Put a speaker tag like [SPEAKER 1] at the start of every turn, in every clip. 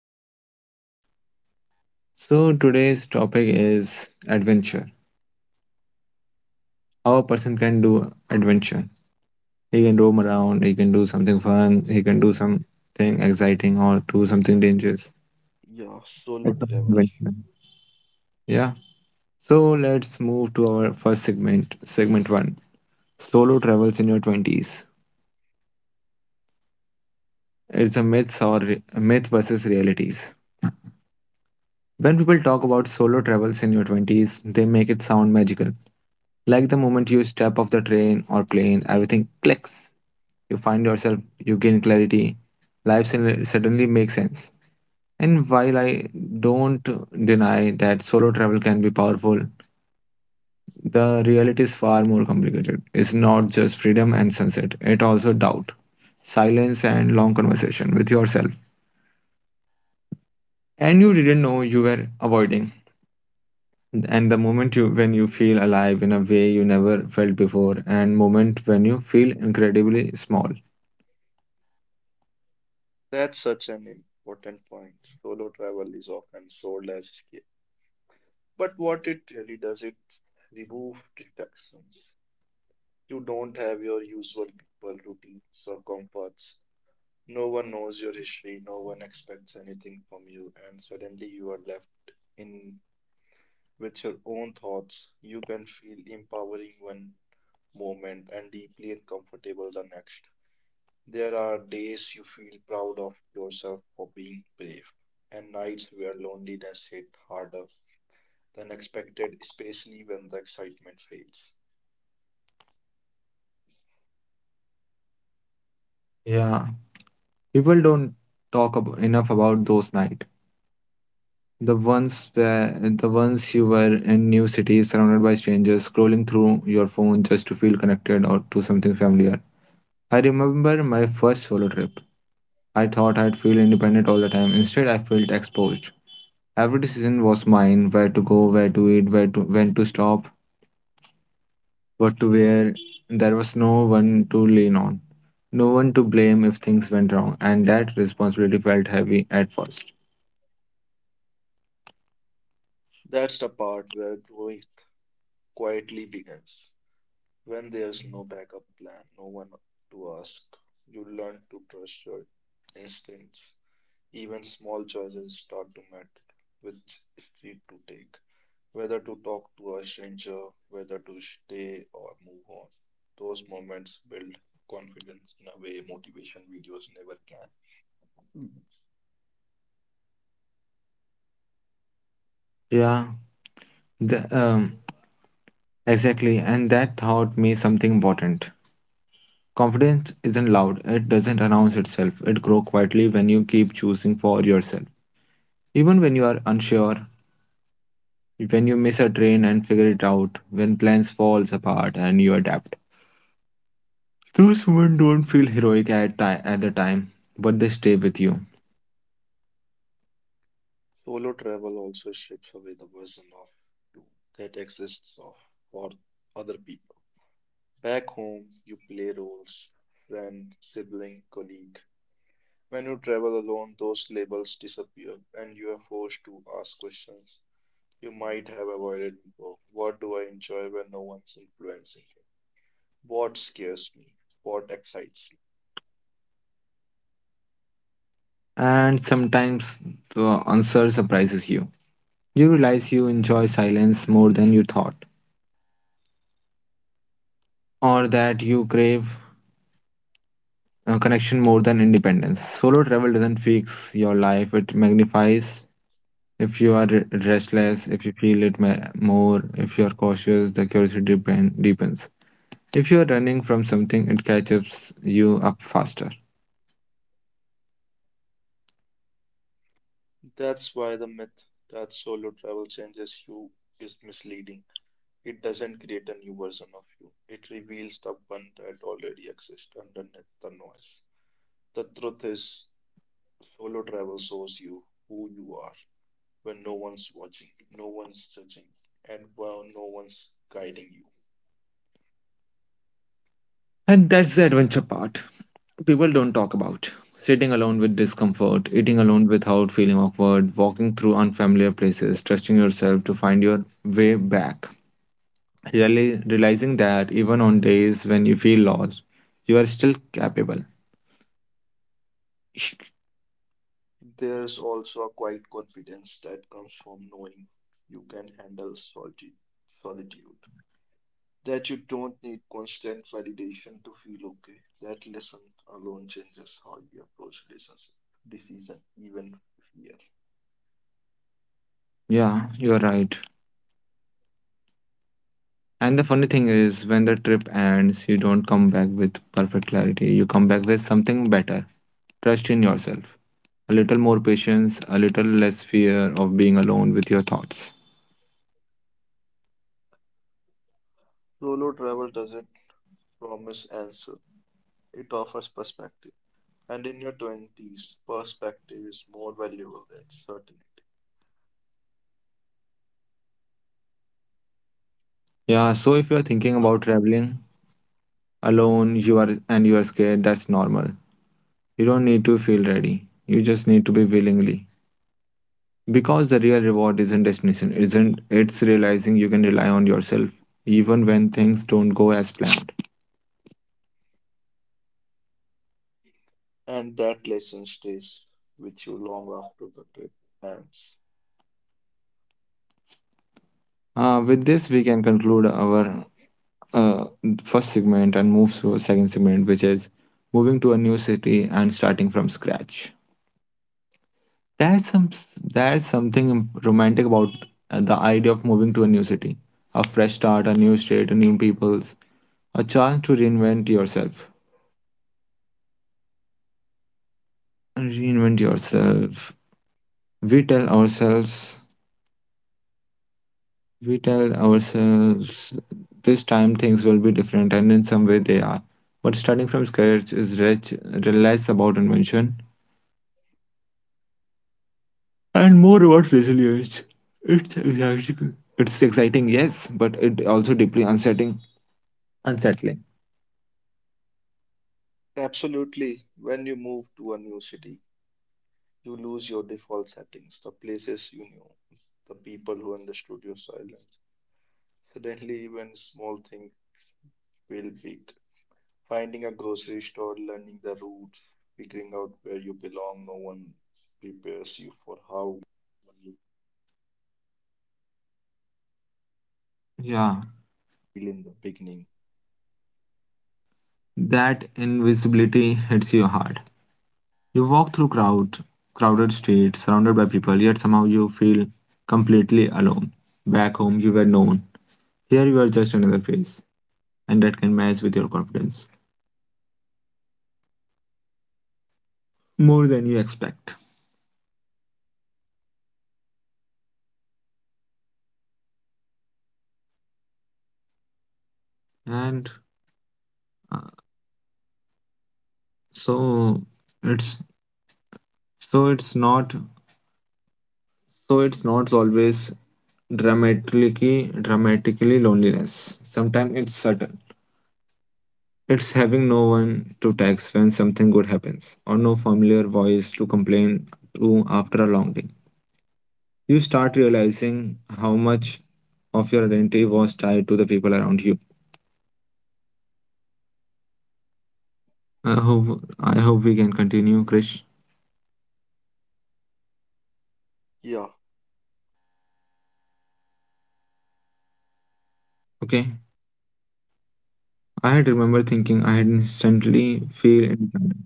[SPEAKER 1] co-host Krish. So today's topic is adventure. How a person can do adventure. He can roam around, he can do something fun, he can do something exciting or do something dangerous.
[SPEAKER 2] Yeah, solo
[SPEAKER 1] It's all
[SPEAKER 2] travel.
[SPEAKER 1] adventure. Yeah. So let's move to our first segment, segment one. Solo travels in your 20s. It's a myths or myth versus realities. When people talk about solo travels in your 20s, they make it sound magical. Like the moment you step off the train or plane, everything clicks. You find yourself, you gain clarity. Life suddenly makes sense. And while I don't deny that solo travel can be powerful, the reality is far more complicated. It's not just freedom and sunset, it also doubt, silence, and long conversation with yourself. And you didn't know you were avoiding. And the moment you when you feel alive in a way you never felt before, and moment when you feel incredibly small.
[SPEAKER 2] That's such an important point. Solo travel is often sold as, but what it really does, it remove distractions. You don't have your usual people, routines, or comforts. No one knows your history, no one expects anything from you, and suddenly you are left in with your own thoughts. You can feel empowering one moment and deeply uncomfortable the next. There are days you feel proud of yourself for being brave, and nights where loneliness hit harder than expected, especially when the excitement fades.
[SPEAKER 1] Yeah, people don't enough about those nights, the ones where the ones you were in new cities, surrounded by strangers, scrolling through your phone just to feel connected or to something familiar. I remember my first solo trip. I thought I'd feel independent all the time. Instead I felt exposed. Every decision was mine, where to go, where to eat, where to when to stop, what to wear. There was no one to lean on, no one to blame if things went wrong, and that responsibility felt heavy at first.
[SPEAKER 2] That's the part where growth quietly begins. When there's no backup plan, no one to ask, you learn to trust your instincts. Even small choices start to matter, which street to take, whether to talk to a stranger, whether to stay or move on. Those moments build confidence in a way motivation videos never can.
[SPEAKER 1] Yeah, the, um, exactly, and that taught me something important. Confidence isn't loud, it doesn't announce itself, it grows quietly when you keep choosing for yourself. Even when you are unsure, when you miss a train and figure it out, when plans falls apart and you adapt. Those women don't feel heroic at the time, but they stay with you.
[SPEAKER 2] Solo travel also strips away the version of you that exists of for other people. Back home, you play roles, friend, sibling, colleague. When you travel alone, those labels disappear and you are forced to ask questions you might have avoided before. What do I enjoy when no one's influencing me? What scares me? What excites me?
[SPEAKER 1] And sometimes the answer surprises you. You realize you enjoy silence more than you thought, or that you crave connection more than independence. Solo travel doesn't fix your life, it magnifies. If you are restless, if you feel it more, if you are cautious, the curiosity deepens. If you are running from something, it catches you up faster.
[SPEAKER 2] That's why the myth that solo travel changes you is misleading. It doesn't create a new version of you, it reveals the one that already exists underneath the noise. The truth is, solo travel shows you who you are when no one's watching, no one's judging, and while no one's guiding you.
[SPEAKER 1] And that's the adventure part. People don't talk about sitting alone with discomfort, eating alone without feeling awkward, walking through unfamiliar places, trusting yourself to find your way back. Really realizing that even on days when you feel lost, you are still capable.
[SPEAKER 2] There's also a quiet confidence that comes from knowing you can handle solitude, that you don't need constant validation to feel okay. That lesson alone changes how you approach relationship, decision, even fear.
[SPEAKER 1] Yeah, you're right. And the funny thing is, when the trip ends, you don't come back with perfect clarity. You come back with something better. Trust in yourself. A little more patience, a little less fear of being alone with your thoughts.
[SPEAKER 2] Solo travel doesn't promise answer; it offers perspective. And in your 20s, perspective is more valuable than certainty.
[SPEAKER 1] Yeah, so if you're thinking about traveling alone, you are scared, that's normal. You don't need to feel ready. You just need to be willingly. Because the real reward isn't destination, isn't it's realizing you can rely on yourself even when things don't go as planned.
[SPEAKER 2] And that lesson stays with you long after the trip ends.
[SPEAKER 1] With this, we can conclude our uh, first segment and move to a second segment, which is moving to a new city and starting from scratch. There's some there's something romantic about the idea of moving to a new city, a fresh start, a new state, a new peoples, a chance to reinvent yourself. Reinvent yourself. We tell ourselves, we tell ourselves, this time things will be different, and in some way they are. But starting from scratch is rich, less about invention and more about resilience. It's exciting. It's exciting, yes, but it also deeply unsettling. Unsettling. Yeah, that invisibility hits you hard. You walk through crowded streets, surrounded by people, yet somehow you feel completely alone. Back home, you were known. Here, you are just another face, and that can mess with your confidence more than you expect. And uh, so, it's so it's not so It's not always dramatically loneliness. Sometimes it's subtle. It's having no one to text when something good happens, or no familiar voice to complain to after a long day. You start realizing how much of your identity was tied to the people around you. I hope I hope we can continue, Krish.
[SPEAKER 2] Yeah,
[SPEAKER 1] Okay. I had remember thinking I had instantly
[SPEAKER 2] and
[SPEAKER 1] feel
[SPEAKER 2] yeah,
[SPEAKER 1] independent.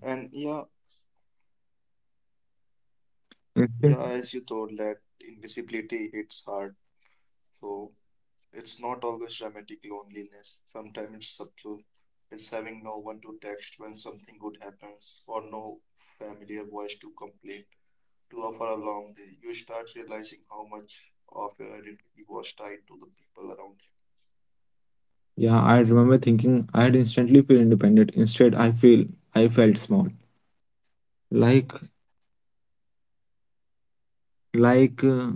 [SPEAKER 2] yeah, as you
[SPEAKER 1] Instead,
[SPEAKER 2] told, that invisibility hits hard. So it's not always dramatic loneliness. Sometimes it's subtle. It's having no one to text when something good happens, or no familiar voice to complain to offer along the way. You start realizing how much of your identity was tied to the people around
[SPEAKER 1] yeah, I had remember thinking I had instantly feel independent. Instead, I felt small, like like uh,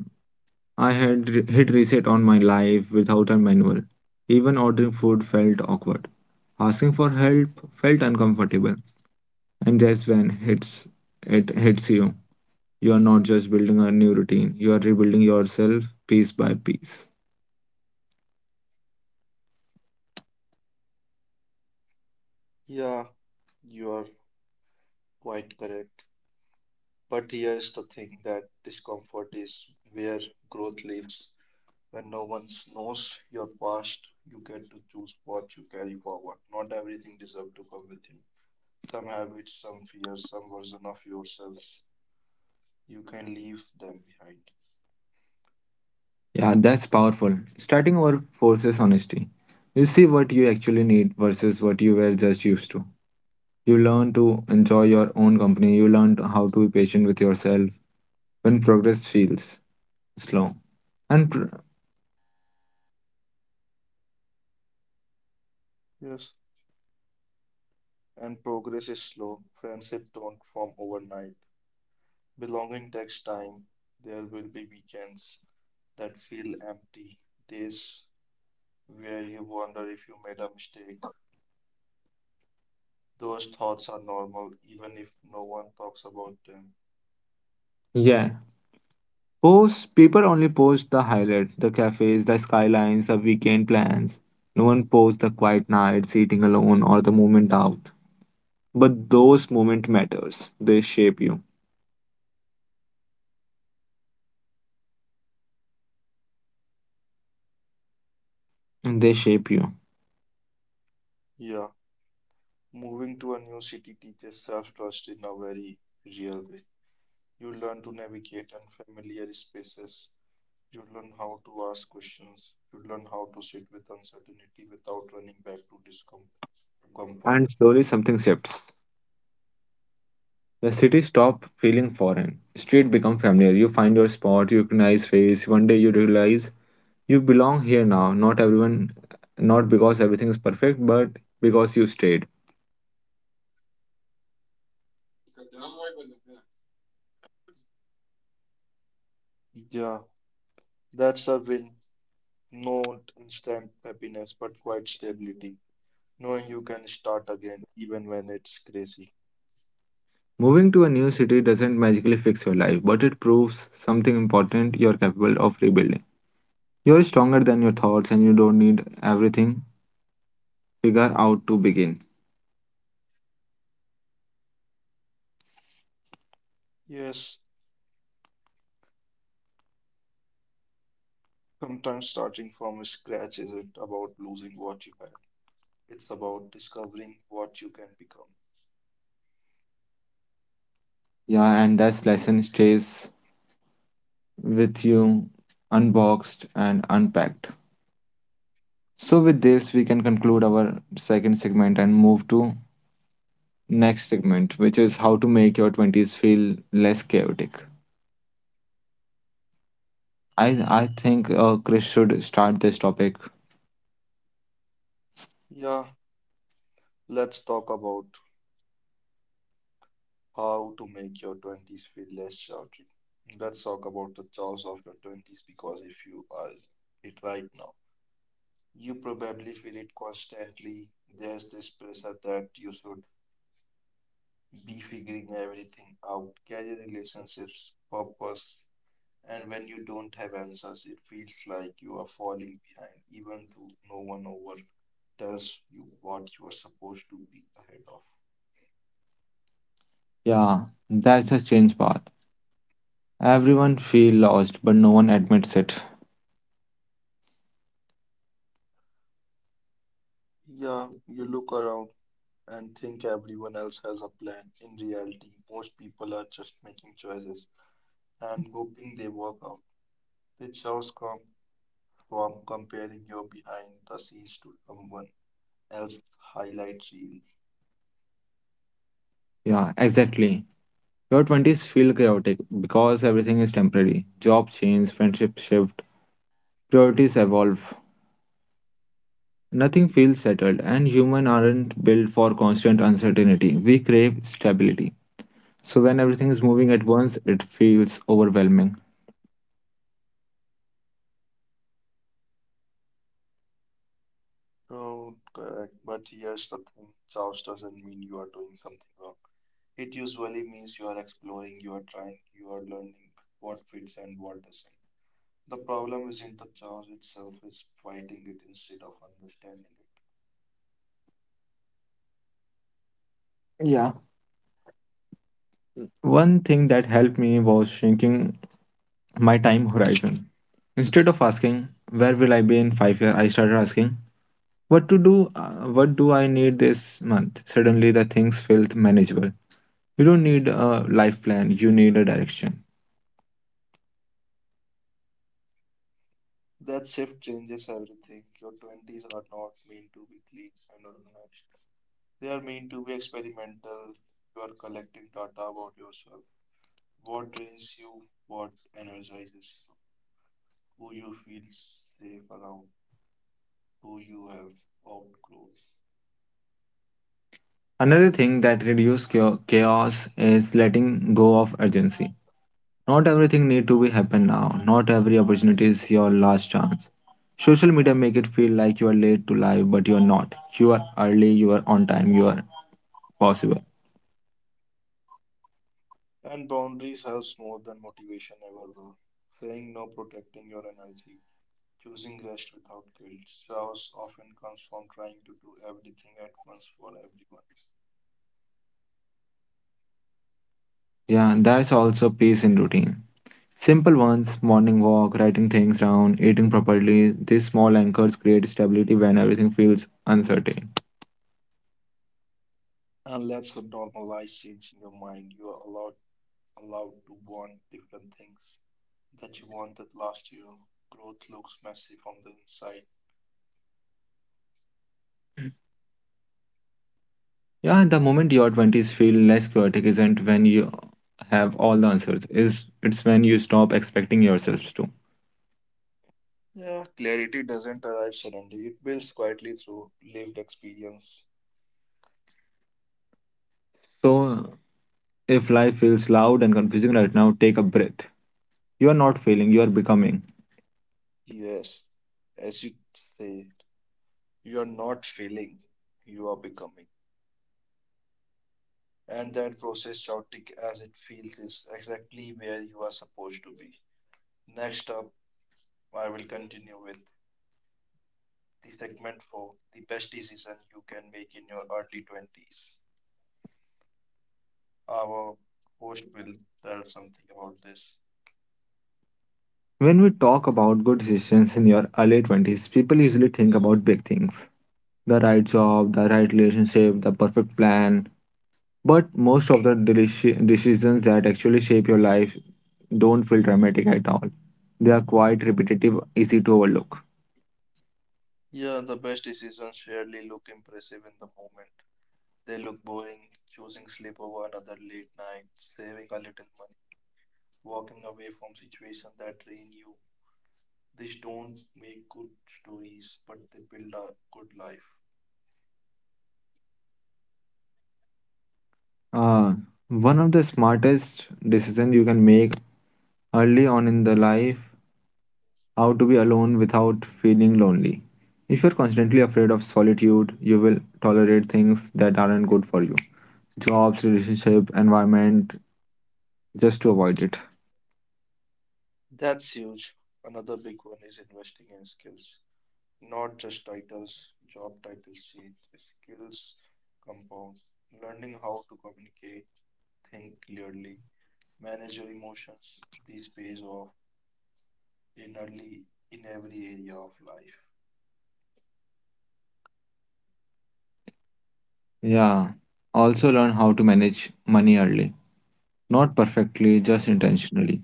[SPEAKER 1] I had hit reset on my life without a manual. Even ordering food felt awkward. Asking for help felt uncomfortable. And that's when hits it hits you. You are not just building a new routine, you are rebuilding yourself piece by piece.
[SPEAKER 2] you. Yeah, you are quite correct. But here's the thing, that discomfort is where growth lives. When no one knows your past, you get to choose what you carry forward. Not everything deserves to come with you. Some habits, some fears, some version of yourselves. You can leave them behind.
[SPEAKER 1] Yeah, that's powerful. Starting over forces honesty. You see what you actually need versus what you were just used to. You learn to enjoy your own company, you learn how to be patient with yourself when progress feels slow and pr-
[SPEAKER 2] Yes, and progress is slow. Friendship don't form overnight. Belonging takes time. There will be weekends that feel empty, days where you wonder if you made a mistake. Those thoughts are normal, even if no one talks about them.
[SPEAKER 1] yeah, post people only post the highlights, the cafes, the skylines, the weekend plans. No one posts the quiet nights eating alone, or the moment out, but those moment matters, they shape you.
[SPEAKER 2] Yeah. Moving to a new city teaches self-trust in a very real way. You learn to navigate unfamiliar spaces. You learn how to ask questions. You learn how to sit with uncertainty without running back to discomfort.
[SPEAKER 1] And slowly something shifts. The city stop feeling foreign, street become familiar, you find your spot, you recognize face. One day you realize you belong here now, not because everything is perfect, but because you stayed.
[SPEAKER 2] Yeah, that's a win. Not instant happiness, but quite stability. Knowing you can start again, even when it's crazy.
[SPEAKER 1] Moving to a new city doesn't magically fix your life, but it proves something important, you're capable of rebuilding. You're stronger than your thoughts and you don't need everything figure out to begin.
[SPEAKER 2] Yes, sometimes starting from scratch isn't about losing what you had. It's about discovering what you can become.
[SPEAKER 1] Yeah, and that lesson stays with you unboxed and unpacked. So with this we can conclude our second segment and move to next segment, which is how to make your 20s feel less chaotic. I I think Chris should start this topic.
[SPEAKER 2] Yeah, let's talk about how to make your 20s feel less chaotic. Let's talk about the chaos of your 20s because if you are it right now, you probably feel it constantly. There's this pressure that you should be figuring everything out, career relationships, purpose, and when you don't have answers, it feels like you are falling behind, even though no one over tells you what you are supposed to be ahead of.
[SPEAKER 1] Yeah, that's a change path. Everyone feel lost, but no one admits it.
[SPEAKER 2] Yeah, you look around and think everyone else has a plan. In reality, most people are just making
[SPEAKER 1] Yeah, exactly. Your 20s feel chaotic because everything is temporary. Jobs change, friendships shift, priorities evolve. Nothing feels settled, and humans aren't built for constant uncertainty. We crave stability. So when everything is moving at once, it feels overwhelming. Yeah. One thing that helped me was shrinking my time horizon. Instead of asking, where will I be in 5 years, I started asking, What to do? What do I need this month? Suddenly, the things felt manageable. You don't need a life plan, you need a direction. Another thing that reduces chaos is letting go of urgency. Not everything need to be happen now. Not every opportunity is your last chance. Social media make it feel like you are late to life, but you are not. You are early, you are on time, you are possible. Yeah, there's also peace in routine. Simple ones, morning walk, writing things down, eating properly, these small anchors create stability when everything feels uncertain. Yeah, the moment your 20s feel less chaotic isn't when you have all the answers, is it's when you stop expecting yourselves to. So, if life feels loud and confusing right now, take a breath. You are not failing, you are becoming. When we talk about good decisions in your early 20s, people usually think about big things, the right job, the right relationship, the perfect plan. But most of the decisions that actually shape your life don't feel dramatic at all. They are quite repetitive, easy to overlook. Uh, One of the smartest decisions you can make early on in the life, how to be alone without feeling lonely. If you're constantly afraid of solitude, you will tolerate things that aren't good for you. Jobs, relationship, environment, just to avoid it. Yeah. Also learn how to manage money early. Not perfectly, just intentionally.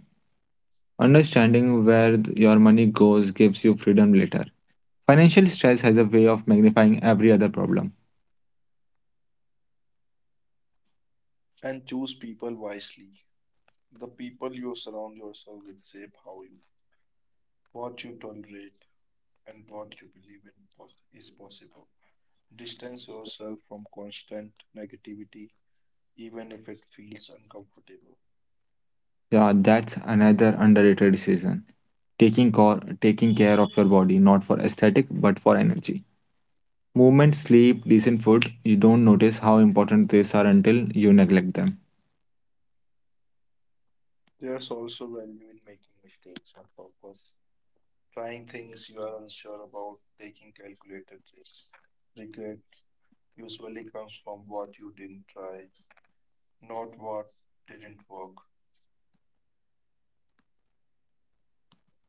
[SPEAKER 1] Understanding where your money goes gives you freedom later. Financial stress has a way of magnifying every other problem. Yeah, that's another underrated decision. Taking care of your body, not for aesthetic, but for energy. Movement, sleep, decent food, you don't notice how important these are until you neglect them.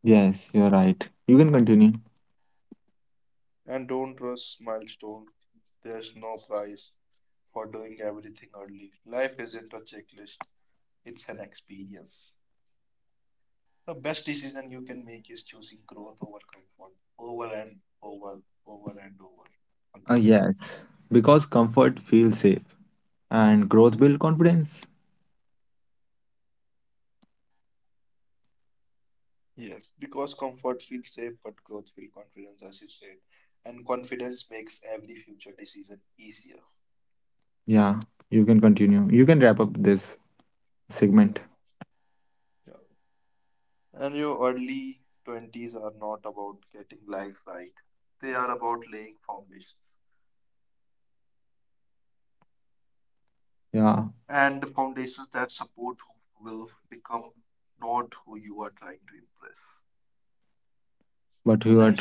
[SPEAKER 1] Yes, you're right. You can continue. Yes, because comfort feels safe and growth builds confidence. Yeah, you can continue. You can wrap up this segment. Yeah, but you are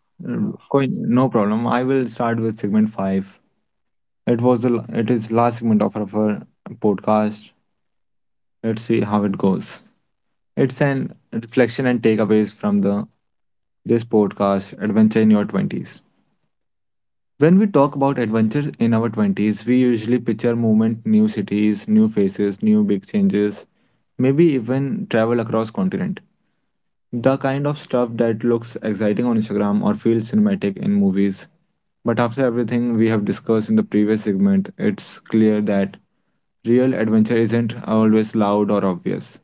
[SPEAKER 1] trying. No problem. I will start with segment five. It was the la- It is last segment of our podcast. Let's see how it goes. It's an reflection and takeaways from the this podcast adventure in your twenties. When we talk about adventures in our 20s, we usually picture movement, new cities, new faces, new big changes, maybe even travel across continent. The kind of stuff that looks exciting on Instagram or feels cinematic in movies. But after everything we have discussed in the previous segment, it's clear that real adventure isn't always loud or obvious.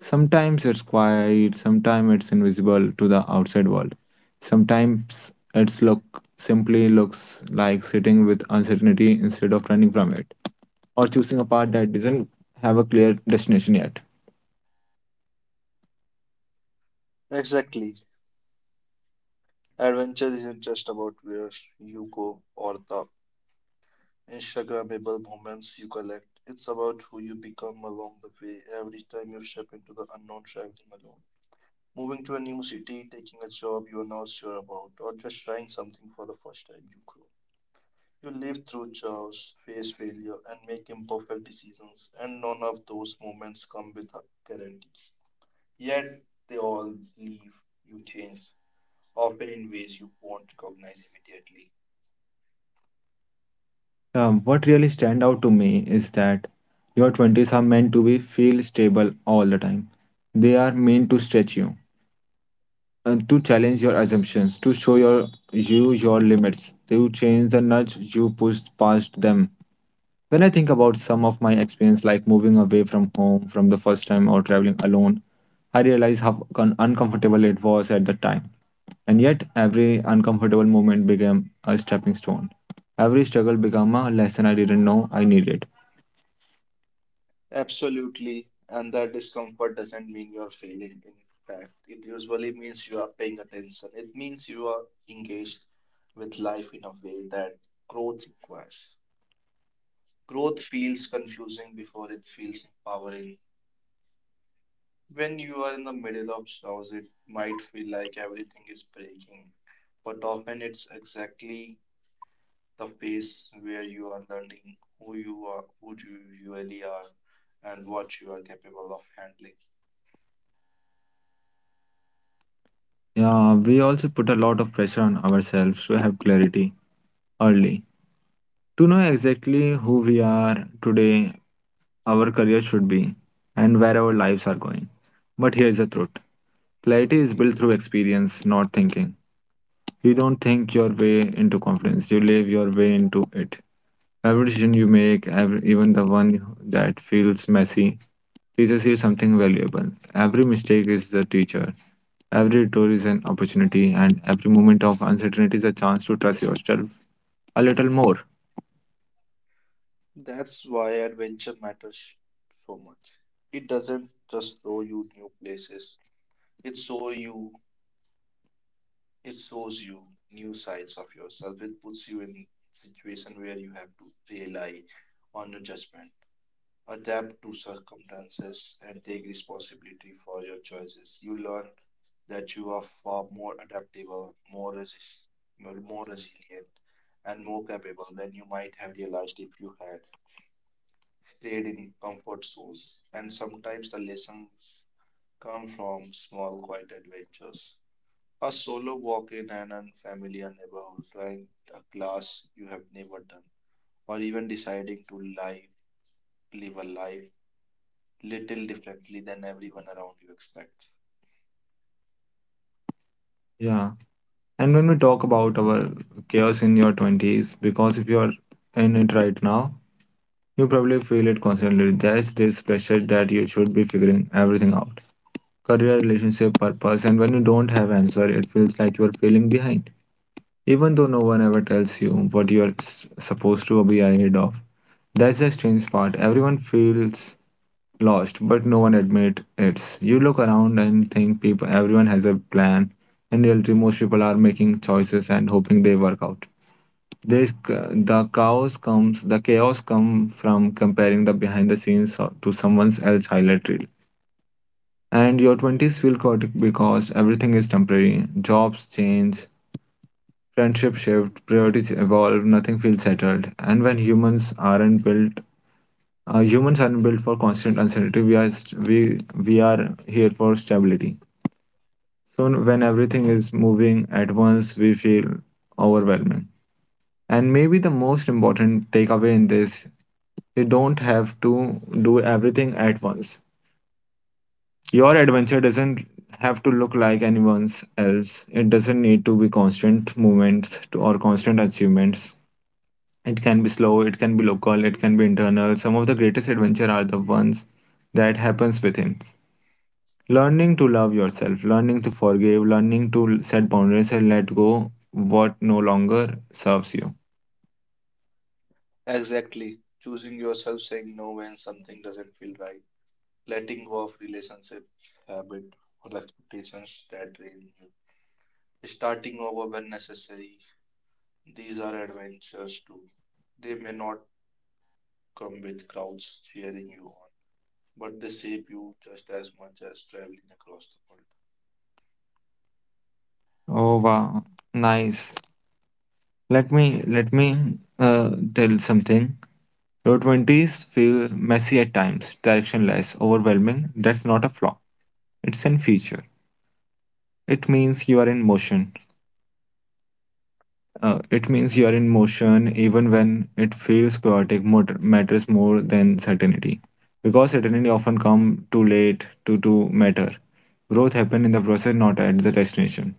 [SPEAKER 1] Sometimes it's quiet, sometimes it's invisible to the outside world. Sometimes it's look simply looks like sitting with uncertainty instead of running from it, or choosing a path that doesn't have a clear destination yet. What really stand out to me is that your 20s are meant to be feel stable all the time. They are meant to stretch you, to challenge your assumptions, to show your limits, to change the nudge you push past them. When I think about some of my experience, like moving away from home from the first time or traveling alone, I realize how uncomfortable it was at the time. And yet, every uncomfortable moment became a stepping stone. Every struggle became a lesson I didn't know I needed. Yeah, we also put a lot of pressure on ourselves to have clarity early. To know exactly who we are today, our career should be, and where our lives are going. But here's the truth, clarity is built through experience, not thinking. You don't think your way into confidence, you live your way into it. Every decision you make, every, even the one that feels messy, teaches you something valuable. Every mistake is the teacher. Every detour is an opportunity, and every moment of uncertainty is a chance to trust yourself a little more. Yeah. And when we talk about our chaos in your 20s, because if you're in it right now, you probably feel it constantly. There's this pressure that you should be figuring everything out, career, relationship, purpose, and when you don't have answer, it feels like you're feeling behind even though no one ever tells you what you are supposed to be ahead of. That's the strange part. Everyone feels lost, but no one admit it. You look around and think people, everyone has a plan. In reality, most people are making choices and hoping they work out. There's, the chaos comes from comparing the behind the scenes to someone else's highlight reel. And your twenties feel chaotic because everything is temporary. Jobs change, friendship shift, priorities evolve, nothing feels settled. And when humans aren't built for constant uncertainty. We are here for stability. So when everything is moving at once, we feel overwhelming. And maybe the most important takeaway in this, you don't have to do everything at once. Your adventure doesn't have to look like anyone's else. It doesn't need to be constant movements to, or constant achievements. It can be slow, it can be local, it can be internal. Some of the greatest adventure are the ones that happens within. Learning to love yourself, learning to forgive, learning to set boundaries and let go what no longer serves you. Oh wow, nice. Let me tell something. Your twenties feel messy at times, directionless, overwhelming. That's not a flaw. It's a feature. It means you are in motion. It means you are in motion even when it feels chaotic, matters more than certainty. Because certainty often come too late to matter. Growth happen in the process, not at the destination.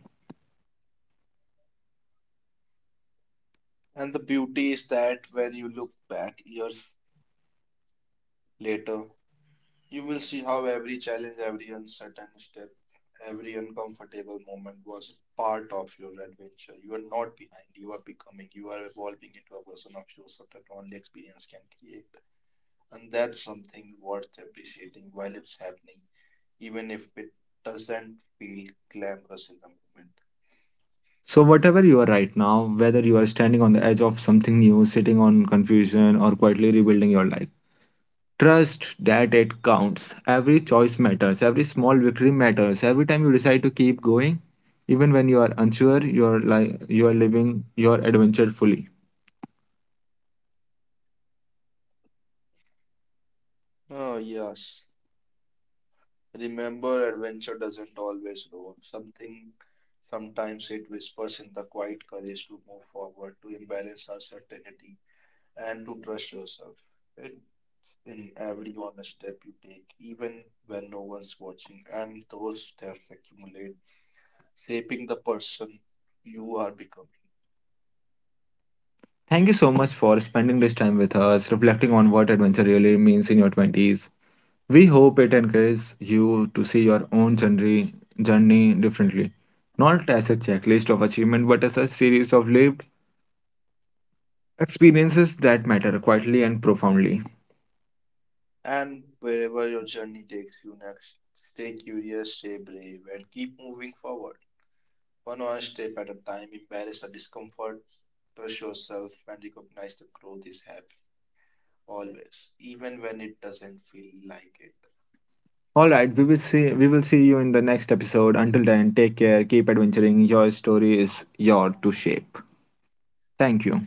[SPEAKER 1] So whatever you are right now, whether you are standing on the edge of something new, sitting on confusion, or quietly rebuilding your life, trust that it counts. Every choice matters. Every small victory matters. Every time you decide to keep going, even when you are unsure, you are living your adventure fully. Thank you so much for spending this time with us, reflecting on what adventure really means in your 20s. We hope it encourages you to see your own journey differently, not as a checklist of achievement, but as a series of lived experiences that matter quietly and profoundly. All right, we will see you in the next episode. Until then, take care, keep adventuring. Your story is your to shape. Thank you.